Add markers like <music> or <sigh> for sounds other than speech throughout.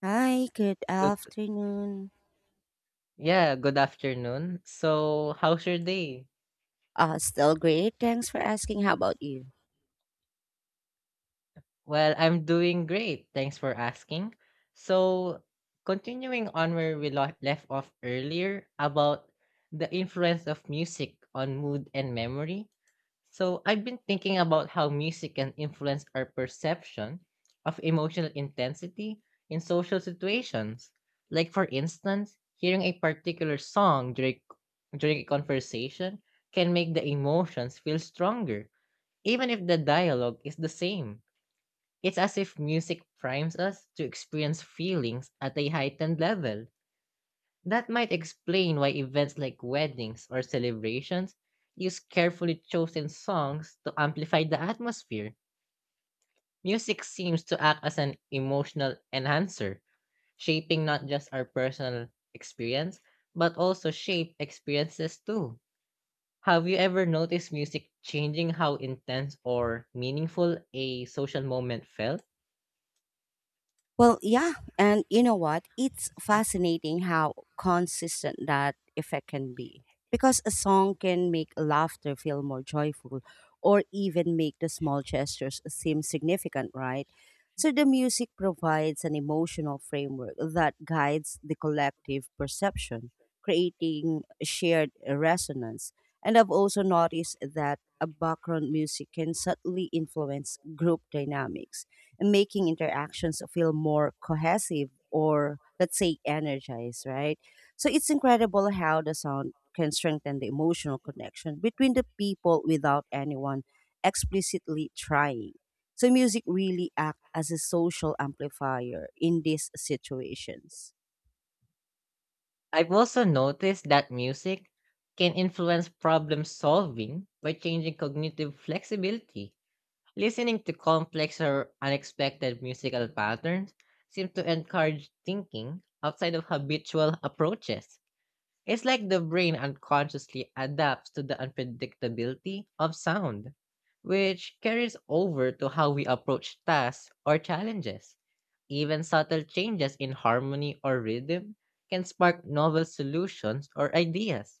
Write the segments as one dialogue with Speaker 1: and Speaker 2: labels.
Speaker 1: Hi, good
Speaker 2: Good
Speaker 1: afternoon.
Speaker 2: yeah, good afternoon. So, how's your day?
Speaker 1: Still great, thanks for asking. How about you?
Speaker 2: Well, I'm doing great. Thanks for asking. So, continuing on where we left off earlier about the influence of music on mood and memory, so I've been thinking about how music can influence our perception of emotional intensity in social situations. Like, for instance, hearing a particular song during a conversation can make the emotions feel stronger, even if the dialogue is the same. It's as if music primes us to experience feelings at a heightened level. That might explain why events like weddings or celebrations use carefully chosen songs to amplify the atmosphere. Music seems to act as an emotional enhancer, shaping not just our personal experience, but also shape experiences too. Have you ever noticed music changing how intense or meaningful a social moment felt?
Speaker 1: Well, yeah. And you know what? It's fascinating how consistent that effect can be, because a song can make laughter feel more joyful or even make the small gestures seem significant, right? So the music provides an emotional framework that guides the collective perception, creating shared resonance. And I've also noticed that a background music can subtly influence group dynamics and making interactions feel more cohesive or, let's say, energized, right? So it's incredible how the sound can strengthen the emotional connection between the people without anyone explicitly trying. So music really acts as a social amplifier in these situations.
Speaker 2: I've also noticed that music can influence problem solving by changing cognitive flexibility. Listening to complex or unexpected musical patterns seems to encourage thinking outside of habitual approaches. It's like the brain unconsciously adapts to the unpredictability of sound, which carries over to how we approach tasks or challenges. Even subtle changes in harmony or rhythm can spark novel solutions or ideas.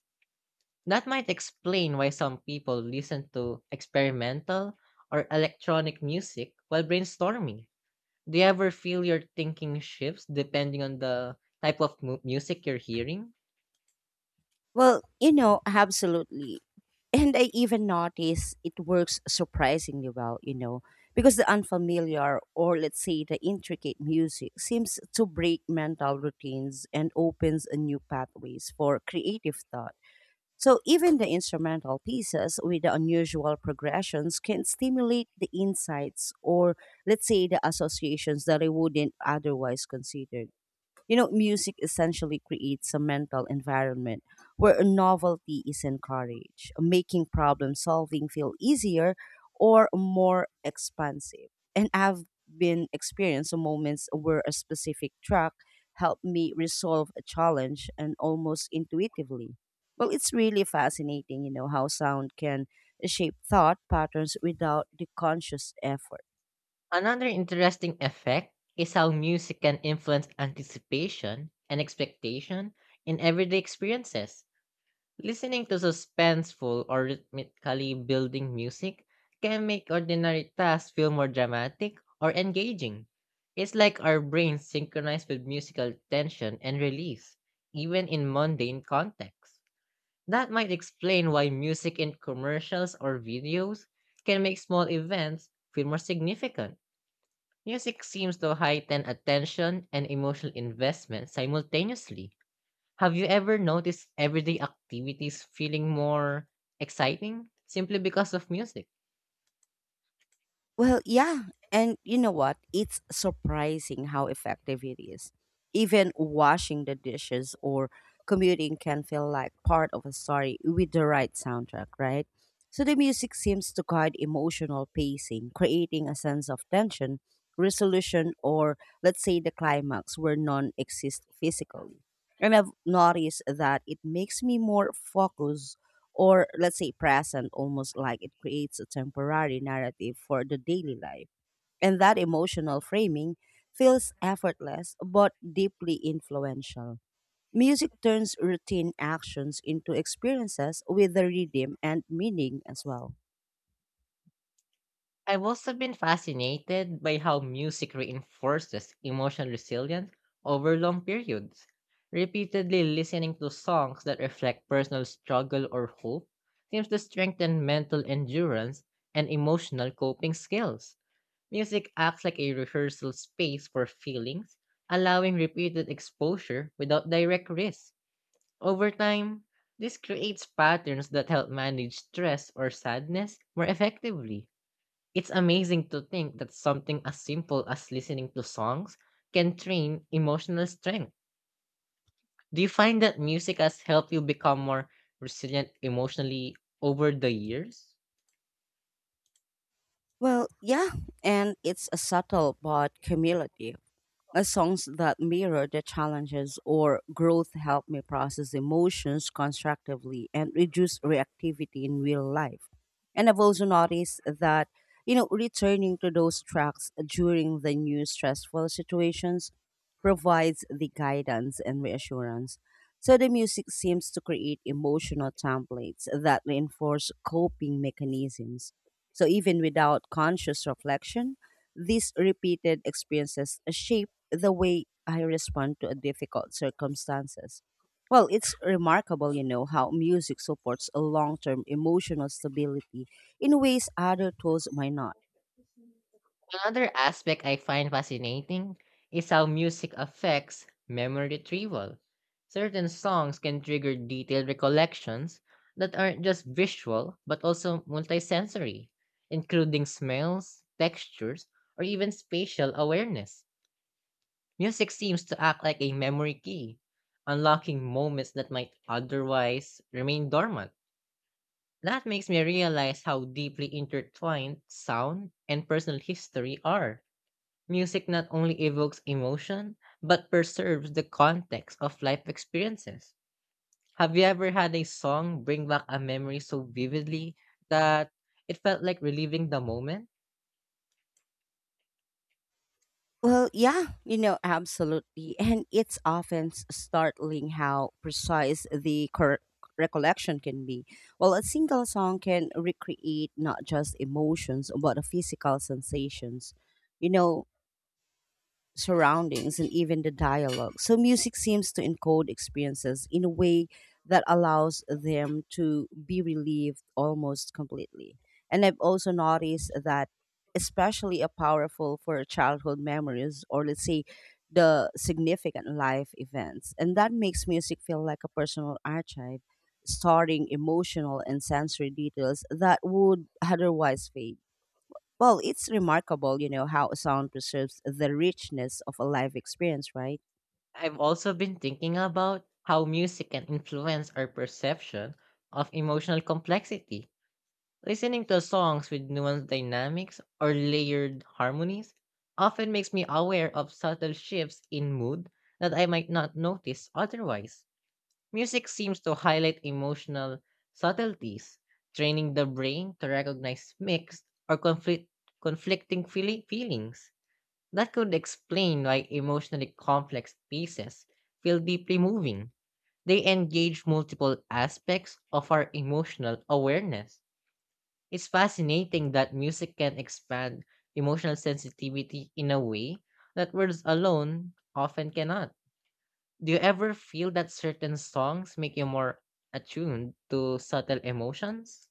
Speaker 2: That might explain why some people listen to experimental or electronic music while brainstorming. Do you ever feel your thinking shifts depending on the type of music you're hearing?
Speaker 1: Well, you know, absolutely. And I even notice it works surprisingly well, you know, because the unfamiliar or, let's say, the intricate music seems to break mental routines and opens a new pathways for creative thought. So even the instrumental pieces with the unusual progressions can stimulate the insights or, let's say, the associations that I wouldn't otherwise consider. You know, music essentially creates a mental environment where novelty is encouraged, making problem solving feel easier or more expansive. And I've been experiencing moments where a specific track helped me resolve a challenge and almost intuitively. Well, it's really fascinating, you know, how sound can shape thought patterns without the conscious effort.
Speaker 2: Another interesting effect is how music can influence anticipation and expectation in everyday experiences. Listening to suspenseful or rhythmically building music can make ordinary tasks feel more dramatic or engaging. It's like our brains synchronize with musical tension and release, even in mundane contexts. That might explain why music in commercials or videos can make small events feel more significant. Music seems to heighten attention and emotional investment simultaneously. Have you ever noticed everyday activities feeling more exciting simply because of music?
Speaker 1: Well, yeah. And you know what? It's surprising how effective it is. Even washing the dishes or commuting can feel like part of a story with the right soundtrack, right? So the music seems to guide emotional pacing, creating a sense of tension, resolution, or, let's say, the climax where none exist physically. And I've noticed that it makes me more focused or, let's say, present, almost like it creates a temporary narrative for the daily life. And that emotional framing feels effortless but deeply influential. Music turns routine actions into experiences with a rhythm and meaning as well.
Speaker 2: I've also been fascinated by how music reinforces emotional resilience over long periods. Repeatedly listening to songs that reflect personal struggle or hope seems to strengthen mental endurance and emotional coping skills. Music acts like a rehearsal space for feelings, allowing repeated exposure without direct risk. Over time, this creates patterns that help manage stress or sadness more effectively. It's amazing to think that something as simple as listening to songs can train emotional strength. Do you find that music has helped you become more resilient emotionally over the years?
Speaker 1: Well, yeah, and it's a subtle but cumulative. A songs that mirror the challenges or growth help me process emotions constructively and reduce reactivity in real life. And I've also noticed that, you know, returning to those tracks during the new stressful situations provides the guidance and reassurance. So the music seems to create emotional templates that reinforce coping mechanisms. So even without conscious reflection, these repeated experiences shape the way I respond to difficult circumstances. Well, it's remarkable, you know, how music supports a long term emotional stability in ways other tools might not.
Speaker 2: Another aspect I find fascinating is how music affects memory retrieval. Certain songs can trigger detailed recollections that aren't just visual but also multisensory, including smells, textures, or even spatial awareness. Music seems to act like a memory key, unlocking moments that might otherwise remain dormant. That makes me realize how deeply intertwined sound and personal history are. Music not only evokes emotion, but preserves the context of life experiences. Have you ever had a song bring back a memory so vividly that it felt like reliving the moment?
Speaker 1: Well, yeah, you know, absolutely. <laughs> And it's often startling how precise the recollection can be. Well, a single song can recreate not just emotions, but physical sensations. You know, surroundings and even the dialogue. So music seems to encode experiences in a way that allows them to be relieved almost completely. And I've also noticed that especially a powerful for childhood memories or, let's say, the significant life events. And that makes music feel like a personal archive, storing emotional and sensory details that would otherwise fade. Well, it's remarkable, you know, how sound preserves the richness of a live experience, right?
Speaker 2: I've also been thinking about how music can influence our perception of emotional complexity. Listening to songs with nuanced dynamics or layered harmonies often makes me aware of subtle shifts in mood that I might not notice otherwise. Music seems to highlight emotional subtleties, training the brain to recognize mixed or conflicting feelings. That could explain why emotionally complex pieces feel deeply moving. They engage multiple aspects of our emotional awareness. It's fascinating that music can expand emotional sensitivity in a way that words alone often cannot. Do you ever feel that certain songs make you more attuned to subtle emotions?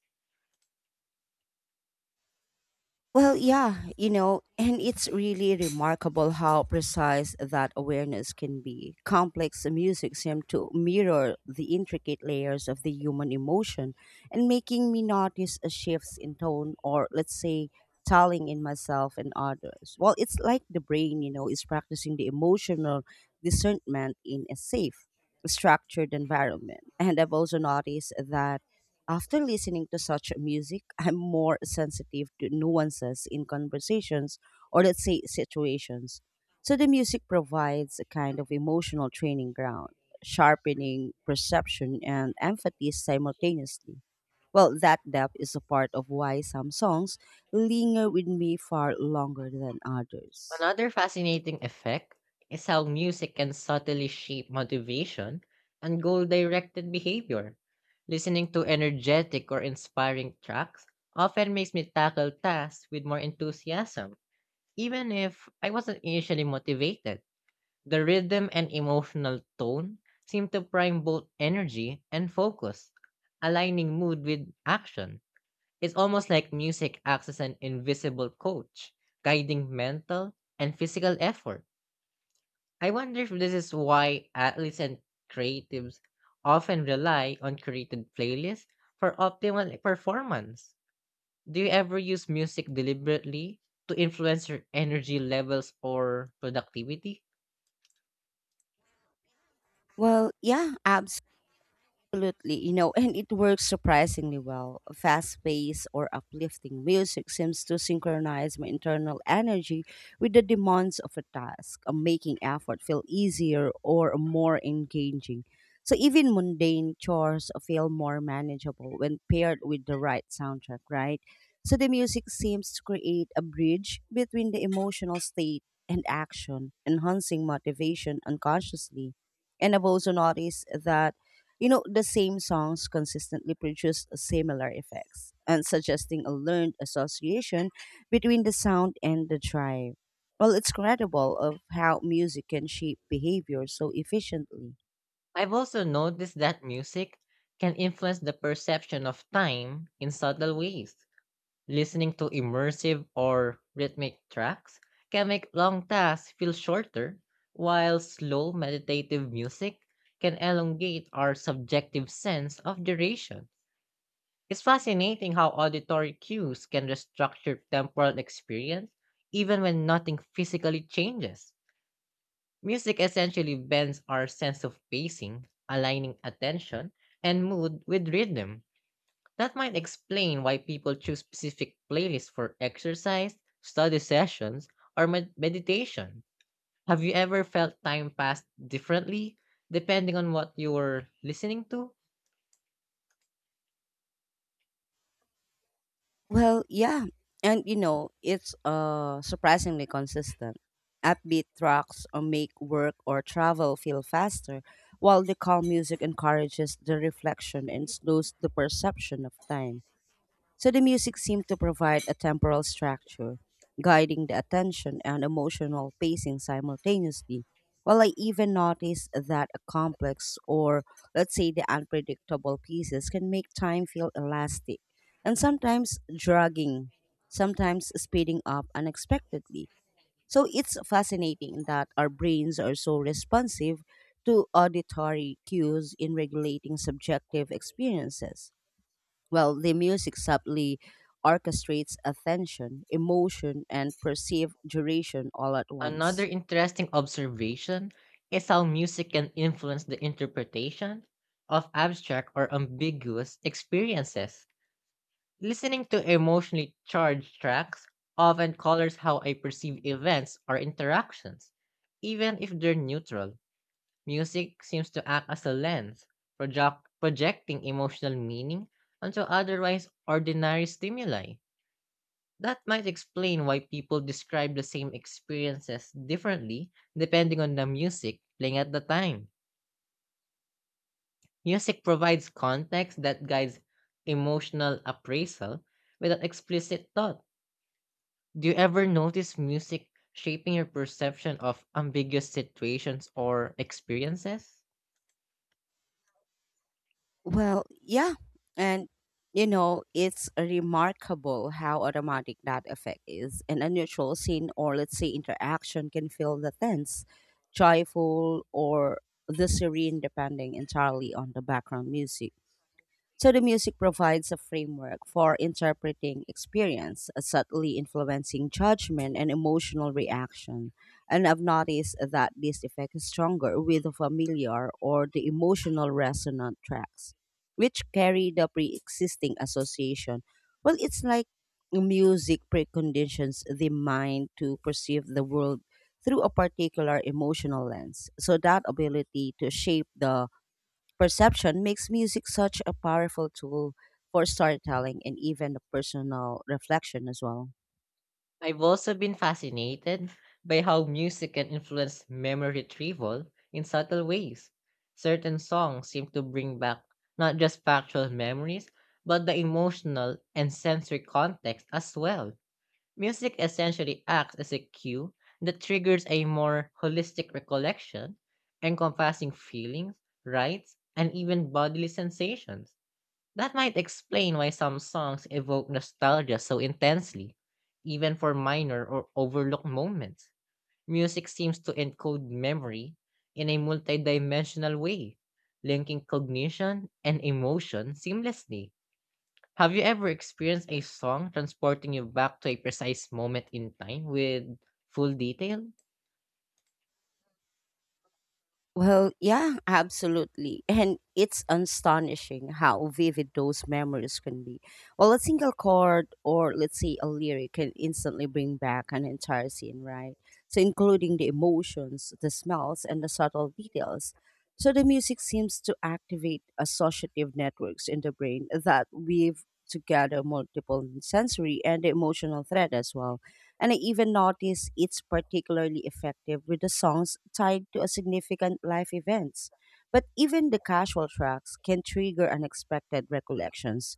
Speaker 1: Well, yeah, you know, and it's really remarkable how precise that awareness can be. Complex music seems to mirror the intricate layers of the human emotion and making me notice a shifts in tone or, let's say, telling in myself and others. Well, it's like the brain, you know, is practicing the emotional discernment in a safe, structured environment. And I've also noticed that after listening to such music, I'm more sensitive to nuances in conversations or, let's say, situations. So the music provides a kind of emotional training ground, sharpening perception and empathy simultaneously. Well, that depth is a part of why some songs linger with me far longer than others.
Speaker 2: Another fascinating effect is how music can subtly shape motivation and goal directed behavior. Listening to energetic or inspiring tracks often makes me tackle tasks with more enthusiasm, even if I wasn't initially motivated. The rhythm and emotional tone seem to prime both energy and focus, aligning mood with action. It's almost like music acts as an invisible coach, guiding mental and physical effort. I wonder if this is why athletes and creatives often rely on created playlists for optimal performance. Do you ever use music deliberately to influence your energy levels or productivity?
Speaker 1: Well, yeah, absolutely, you know, and it works surprisingly well. Fast paced or uplifting music seems to synchronize my internal energy with the demands of a task, making effort feel easier or more engaging. So even mundane chores feel more manageable when paired with the right soundtrack, right? So the music seems to create a bridge between the emotional state and action, enhancing motivation unconsciously. And I've also noticed that, you know, the same songs consistently produce similar effects and suggesting a learned association between the sound and the tribe. Well, it's credible of how music can shape behavior so efficiently.
Speaker 2: I've also noticed that music can influence the perception of time in subtle ways. Listening to immersive or rhythmic tracks can make long tasks feel shorter, while slow meditative music can elongate our subjective sense of duration. It's fascinating how auditory cues can restructure temporal experience even when nothing physically changes. Music essentially bends our sense of pacing, aligning attention and mood with rhythm. That might explain why people choose specific playlists for exercise, study sessions, or meditation. Have you ever felt time pass differently depending on what you were listening to?
Speaker 1: Well, yeah. And you know, it's surprisingly consistent. Upbeat tracks make work or travel feel faster, while the calm music encourages the reflection and slows the perception of time. So the music seemed to provide a temporal structure, guiding the attention and emotional pacing simultaneously. Well, I even noticed that a complex or, let's say, the unpredictable pieces can make time feel elastic and sometimes dragging, sometimes speeding up unexpectedly. So it's fascinating that our brains are so responsive to auditory cues in regulating subjective experiences. Well, the music subtly orchestrates attention, emotion, and perceived duration all at
Speaker 2: Another
Speaker 1: once.
Speaker 2: interesting observation is how music can influence the interpretation of abstract or ambiguous experiences. Listening to emotionally charged tracks often colors how I perceive events or interactions, even if they're neutral. Music seems to act as a lens, projecting emotional meaning onto otherwise ordinary stimuli. That might explain why people describe the same experiences differently depending on the music playing at the time. Music provides context that guides emotional appraisal without explicit thought. Do you ever notice music shaping your perception of ambiguous situations or experiences?
Speaker 1: Well, yeah. And, you know, it's remarkable how automatic that effect is. An unusual scene or, let's say, interaction can feel the tense, joyful, or the serene, depending entirely on the background music. So the music provides a framework for interpreting experience, subtly influencing judgment and emotional reaction. And I've noticed that this effect is stronger with the familiar or the emotional resonant tracks, which carry the pre existing association. Well, it's like music preconditions the mind to perceive the world through a particular emotional lens. So that ability to shape the perception makes music such a powerful tool for storytelling and even personal reflection as well.
Speaker 2: I've also been fascinated by how music can influence memory retrieval in subtle ways. Certain songs seem to bring back not just factual memories, but the emotional and sensory context as well. Music essentially acts as a cue that triggers a more holistic recollection, encompassing feelings, rights, and even bodily sensations. That might explain why some songs evoke nostalgia so intensely, even for minor or overlooked moments. Music seems to encode memory in a multidimensional way, linking cognition and emotion seamlessly. Have you ever experienced a song transporting you back to a precise moment in time with full detail?
Speaker 1: Well, yeah, absolutely. And it's astonishing how vivid those memories can be. Well, a single chord or, let's say, a lyric can instantly bring back an entire scene, right? So, including the emotions, the smells, and the subtle details. So, the music seems to activate associative networks in the brain that weave together multiple sensory and emotional thread as well. And I even notice it's particularly effective with the songs tied to a significant life events. But even the casual tracks can trigger unexpected recollections.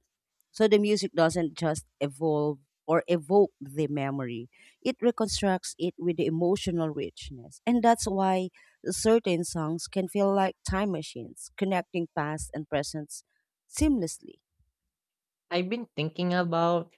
Speaker 1: So the music doesn't just evolve or evoke the memory. It reconstructs it with the emotional richness. And that's why certain songs can feel like time machines, connecting past and present seamlessly.
Speaker 2: I've been thinking about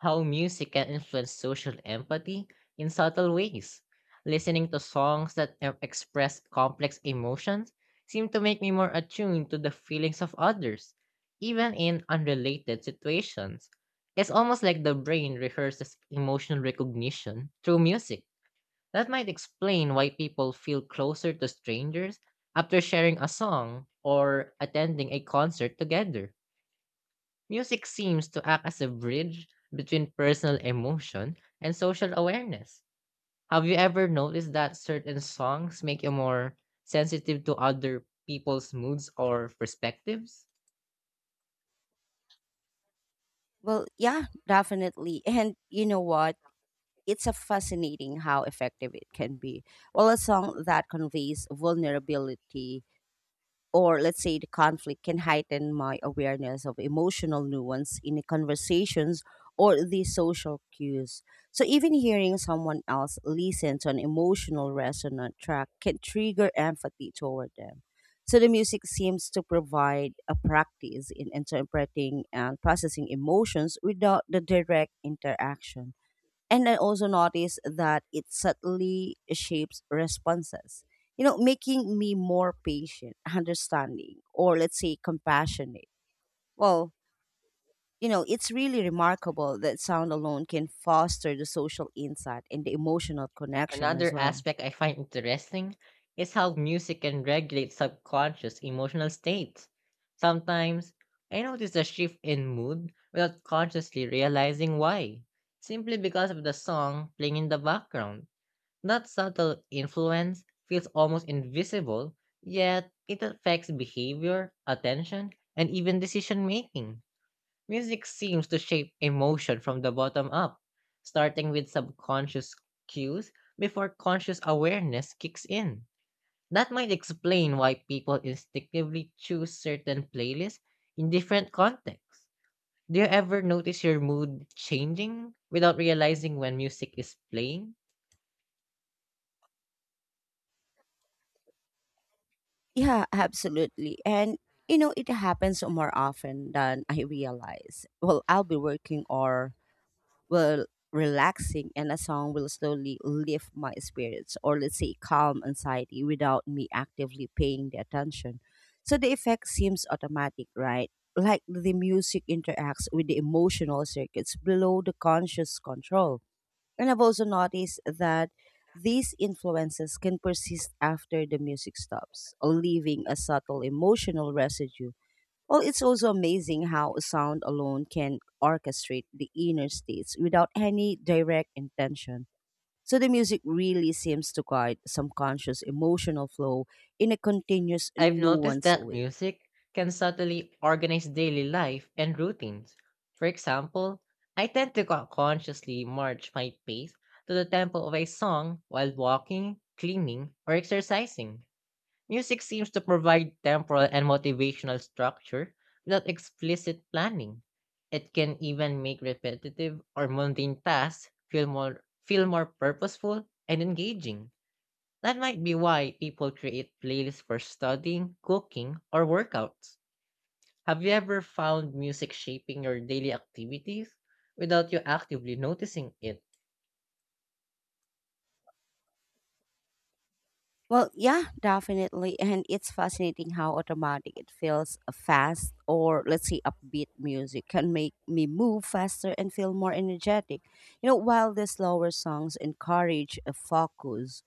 Speaker 2: how music can influence social empathy in subtle ways. Listening to songs that express complex emotions seem to make me more attuned to the feelings of others, even in unrelated situations. It's almost like the brain rehearses emotional recognition through music. That might explain why people feel closer to strangers after sharing a song or attending a concert together. Music seems to act as a bridge between personal emotion and social awareness. Have you ever noticed that certain songs make you more sensitive to other people's moods or perspectives?
Speaker 1: Well, yeah, definitely. <laughs> And you know what? It's a fascinating how effective it can be. While a song that conveys vulnerability or, let's say, the conflict can heighten my awareness of emotional nuance in the conversations or the social cues. So even hearing someone else listen to an emotional resonant track can trigger empathy toward them. So the music seems to provide a practice in interpreting and processing emotions without the direct interaction. And I also notice that it subtly shapes responses, you know, making me more patient, understanding, or, let's say, compassionate. Well, you know, it's really remarkable that sound alone can foster the social insight and the emotional connection
Speaker 2: Another
Speaker 1: as well.
Speaker 2: aspect I find interesting is how music can regulate subconscious emotional states. Sometimes, I notice a shift in mood without consciously realizing why, simply because of the song playing in the background. That subtle influence feels almost invisible, yet it affects behavior, attention, and even decision making. Music seems to shape emotion from the bottom up, starting with subconscious cues before conscious awareness kicks in. That might explain why people instinctively choose certain playlists in different contexts. Do you ever notice your mood changing without realizing when music is playing?
Speaker 1: Yeah, absolutely. And, you know, it happens more often than I realize. Well, I'll be working or will relaxing and a song will slowly lift my spirits or, let's say, calm anxiety without me actively paying the attention. So the effect seems automatic, right? Like the music interacts with the emotional circuits below the conscious control. And I've also noticed that these influences can persist after the music stops, leaving a subtle emotional residue. Well, it's also amazing how sound alone can orchestrate the inner states without any direct intention. So the music really seems to guide some conscious emotional flow in a continuous
Speaker 2: I've noticed
Speaker 1: nuance
Speaker 2: that
Speaker 1: way.
Speaker 2: music can subtly organize daily life and routines. For example, I tend to consciously march my pace to the tempo of a song while walking, cleaning, or exercising. Music seems to provide temporal and motivational structure without explicit planning. It can even make repetitive or mundane tasks feel more purposeful and engaging. That might be why people create playlists for studying, cooking, or workouts. Have you ever found music shaping your daily activities without you actively noticing it?
Speaker 1: Well, yeah, definitely. And it's fascinating how automatic it feels. A fast or, let's say, upbeat music can make me move faster and feel more energetic. You know, while the slower songs encourage a focus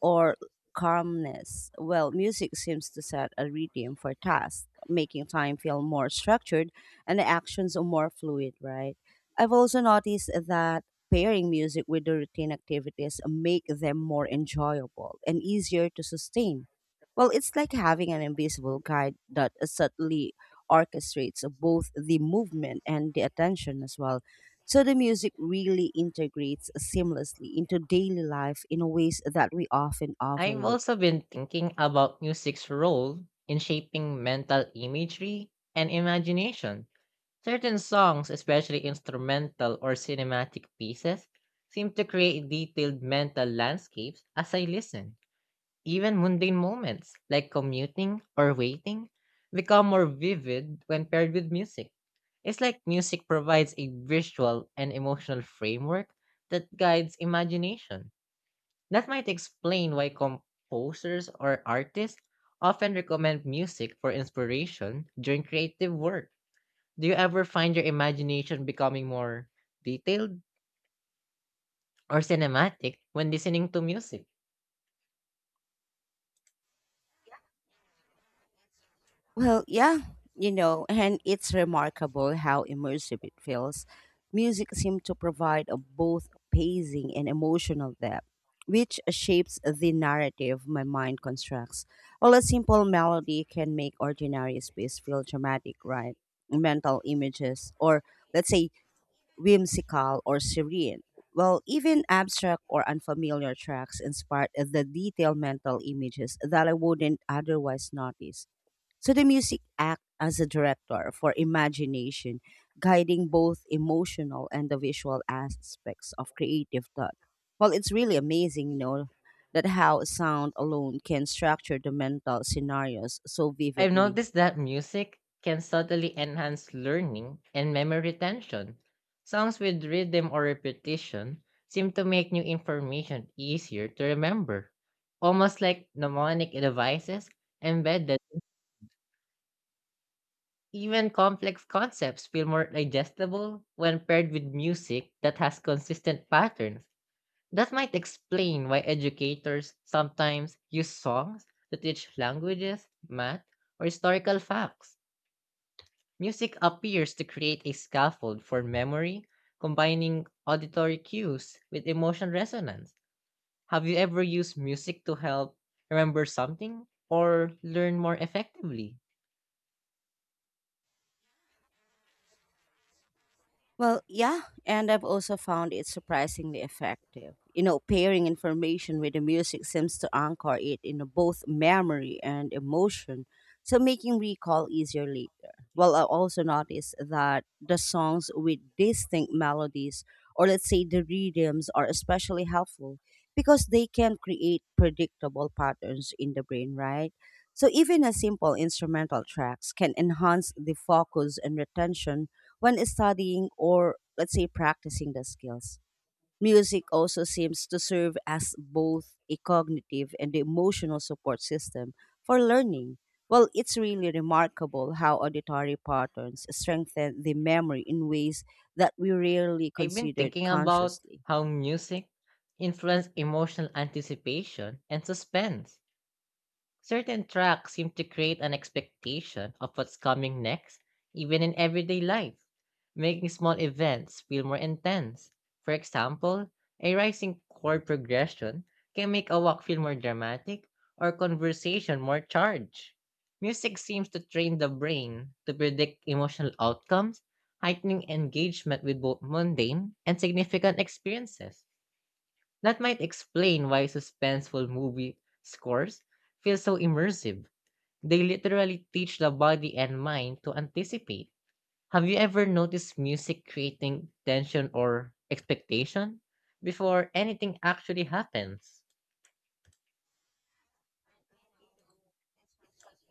Speaker 1: or calmness. Well, music seems to set a rhythm for tasks, making time feel more structured and the actions are more fluid, right? I've also noticed that pairing music with the routine activities make them more enjoyable and easier to sustain. Well, it's like having an invisible guide that subtly orchestrates both the movement and the attention as well. So the music really integrates seamlessly into daily life in ways that we often
Speaker 2: I've
Speaker 1: overlook.
Speaker 2: also been thinking about music's role in shaping mental imagery and imagination. Certain songs, especially instrumental or cinematic pieces, seem to create detailed mental landscapes as I listen. Even mundane moments like commuting or waiting become more vivid when paired with music. It's like music provides a visual and emotional framework that guides imagination. That might explain why composers or artists often recommend music for inspiration during creative work. Do you ever find your imagination becoming more detailed or cinematic when listening to music?
Speaker 1: Well, yeah, you know, and it's remarkable how immersive it feels. Music seems to provide a both pacing and emotional depth, which shapes the narrative my mind constructs. While a simple melody can make ordinary space feel dramatic, right? Mental images, or, let's say, whimsical or serene. Well, even abstract or unfamiliar tracks inspired the detailed mental images that I wouldn't otherwise notice. So the music acts as a director for imagination, guiding both emotional and the visual aspects of creative thought. Well, it's really amazing, you know, that how sound alone can structure the mental scenarios so
Speaker 2: I've
Speaker 1: vividly.
Speaker 2: noticed that music can subtly enhance learning and memory retention. Songs with rhythm or repetition seem to make new information easier to remember, almost like mnemonic devices embedded. Even complex concepts feel more digestible when paired with music that has consistent patterns. That might explain why educators sometimes use songs to teach languages, math, or historical facts. Music appears to create a scaffold for memory, combining auditory cues with emotional resonance. Have you ever used music to help remember something or learn more effectively?
Speaker 1: Well, yeah, and I've also found it surprisingly effective. You know, pairing information with the music seems to anchor it in both memory and emotion, so making recall easier later. Well, I also noticed that the songs with distinct melodies, or, let's say, the rhythms, are especially helpful because they can create predictable patterns in the brain, right? So even a simple instrumental tracks can enhance the focus and retention when studying or, let's say, practicing the skills. Music also seems to serve as both a cognitive and emotional support system for learning. Well, it's really remarkable how auditory patterns strengthen the memory in ways that we rarely
Speaker 2: I've been
Speaker 1: considered
Speaker 2: thinking about
Speaker 1: consciously.
Speaker 2: how music influences emotional anticipation and suspense. Certain tracks seem to create an expectation of what's coming next, even in everyday life, making small events feel more intense. For example, a rising chord progression can make a walk feel more dramatic or conversation more charged. Music seems to train the brain to predict emotional outcomes, heightening engagement with both mundane and significant experiences. That might explain why suspenseful movie scores feel so immersive. They literally teach the body and mind to anticipate. Have you ever noticed music creating tension or expectation before anything actually happens?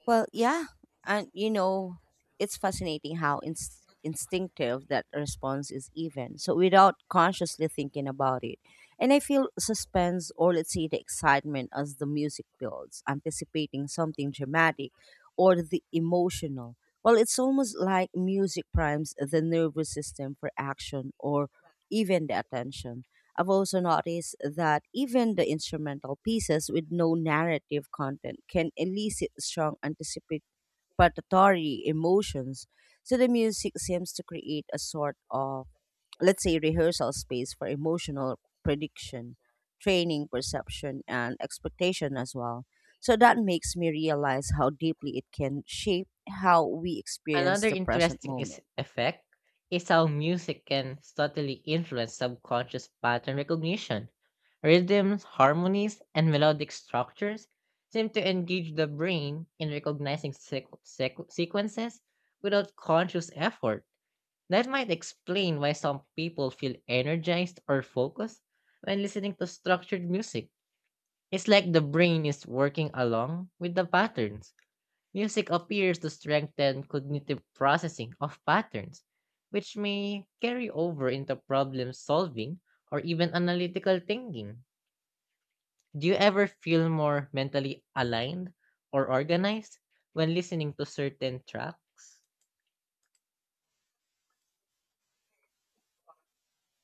Speaker 1: Well, yeah. And you know, it's fascinating how instinctive that response is even, so without consciously thinking about it. And I feel suspense or, let's say, the excitement as the music builds, anticipating something dramatic or the emotional. Well, it's almost like music primes the nervous system for action or even the attention. I've also noticed that even the instrumental pieces with no narrative content can elicit strong anticipatory emotions. So the music seems to create a sort of, let's say, rehearsal space for emotional prediction, training, perception, and expectation as well. So that makes me realize how deeply it can shape how we experience
Speaker 2: Another
Speaker 1: the present
Speaker 2: interesting is
Speaker 1: moment.
Speaker 2: effect is how music can subtly influence subconscious pattern recognition. Rhythms, harmonies, and melodic structures seem to engage the brain in recognizing sequences without conscious effort. That might explain why some people feel energized or focused when listening to structured music. It's like the brain is working along with the patterns. Music appears to strengthen cognitive processing of patterns, which may carry over into problem solving or even analytical thinking. Do you ever feel more mentally aligned or organized when listening to certain tracks?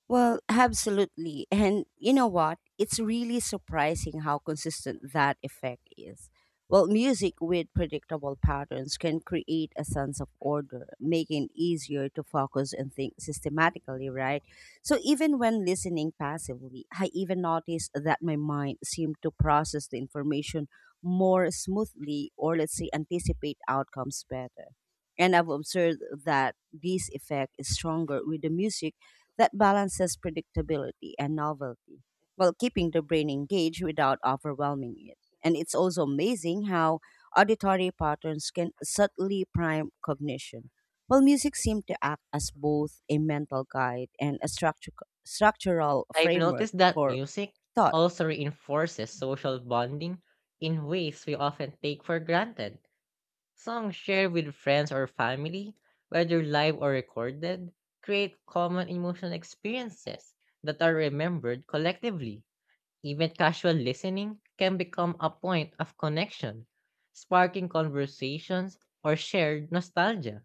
Speaker 1: Well, absolutely. And you know what? It's really surprising how consistent that effect is. Well, music with predictable patterns can create a sense of order, making it easier to focus and think systematically, right? So, even when listening passively, I even noticed that my mind seemed to process the information more smoothly or, let's say, anticipate outcomes better. And I've observed that this effect is stronger with the music that balances predictability and novelty while keeping the brain engaged without overwhelming it. And it's also amazing how auditory patterns can subtly prime cognition. While music seems to act as both a mental guide and a structural
Speaker 2: I've
Speaker 1: framework
Speaker 2: noticed that
Speaker 1: for
Speaker 2: music
Speaker 1: thought.
Speaker 2: also reinforces social bonding in ways we often take for granted. Songs shared with friends or family, whether live or recorded, create common emotional experiences that are remembered collectively. Even casual listening can become a point of connection, sparking conversations or shared nostalgia.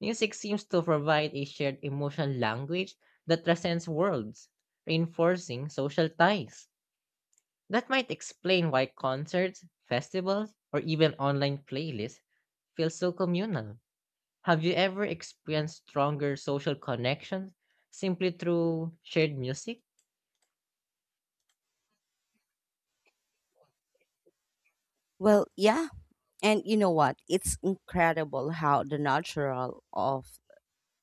Speaker 2: Music seems to provide a shared emotional language that transcends worlds, reinforcing social ties. That might explain why concerts, festivals, or even online playlists feel so communal. Have you ever experienced stronger social connections simply through shared music?
Speaker 1: Well, yeah, and you know what? It's incredible how the natural of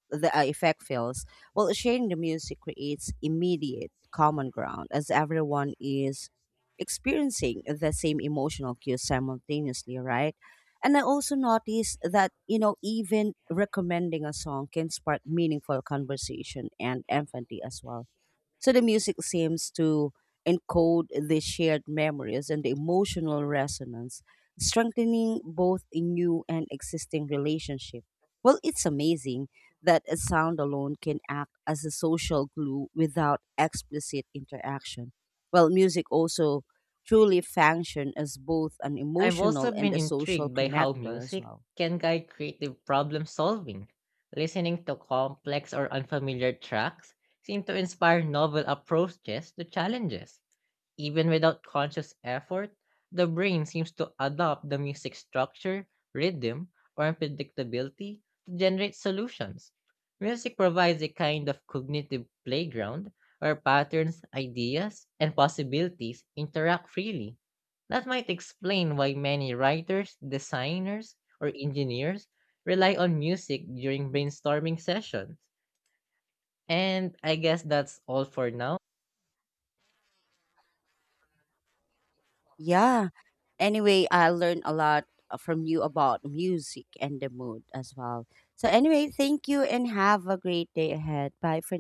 Speaker 1: the effect feels. Well, sharing the music creates immediate common ground as everyone is experiencing the same emotional cues simultaneously, right? And I also noticed that, you know, even recommending a song can spark meaningful conversation and empathy as well. So the music seems to encode the shared memories and the emotional resonance, strengthening both a new and existing relationship. Well, it's amazing that a sound alone can act as a social glue without explicit interaction. Well, music also truly function as both an
Speaker 2: I've also
Speaker 1: emotional and
Speaker 2: been
Speaker 1: a social
Speaker 2: intrigued by how
Speaker 1: connector as
Speaker 2: music
Speaker 1: well.
Speaker 2: can guide creative problem solving. Listening to complex or unfamiliar tracks seem to inspire novel approaches to challenges. Even without conscious effort, the brain seems to adopt the music structure, rhythm, or unpredictability to generate solutions. Music provides a kind of cognitive playground where patterns, ideas, and possibilities interact freely. That might explain why many writers, designers, or engineers rely on music during brainstorming sessions. And I guess that's all for now.
Speaker 1: Yeah. Anyway, I learned a lot from you about music and the mood as well. So, anyway, thank you and have a great day ahead. Bye for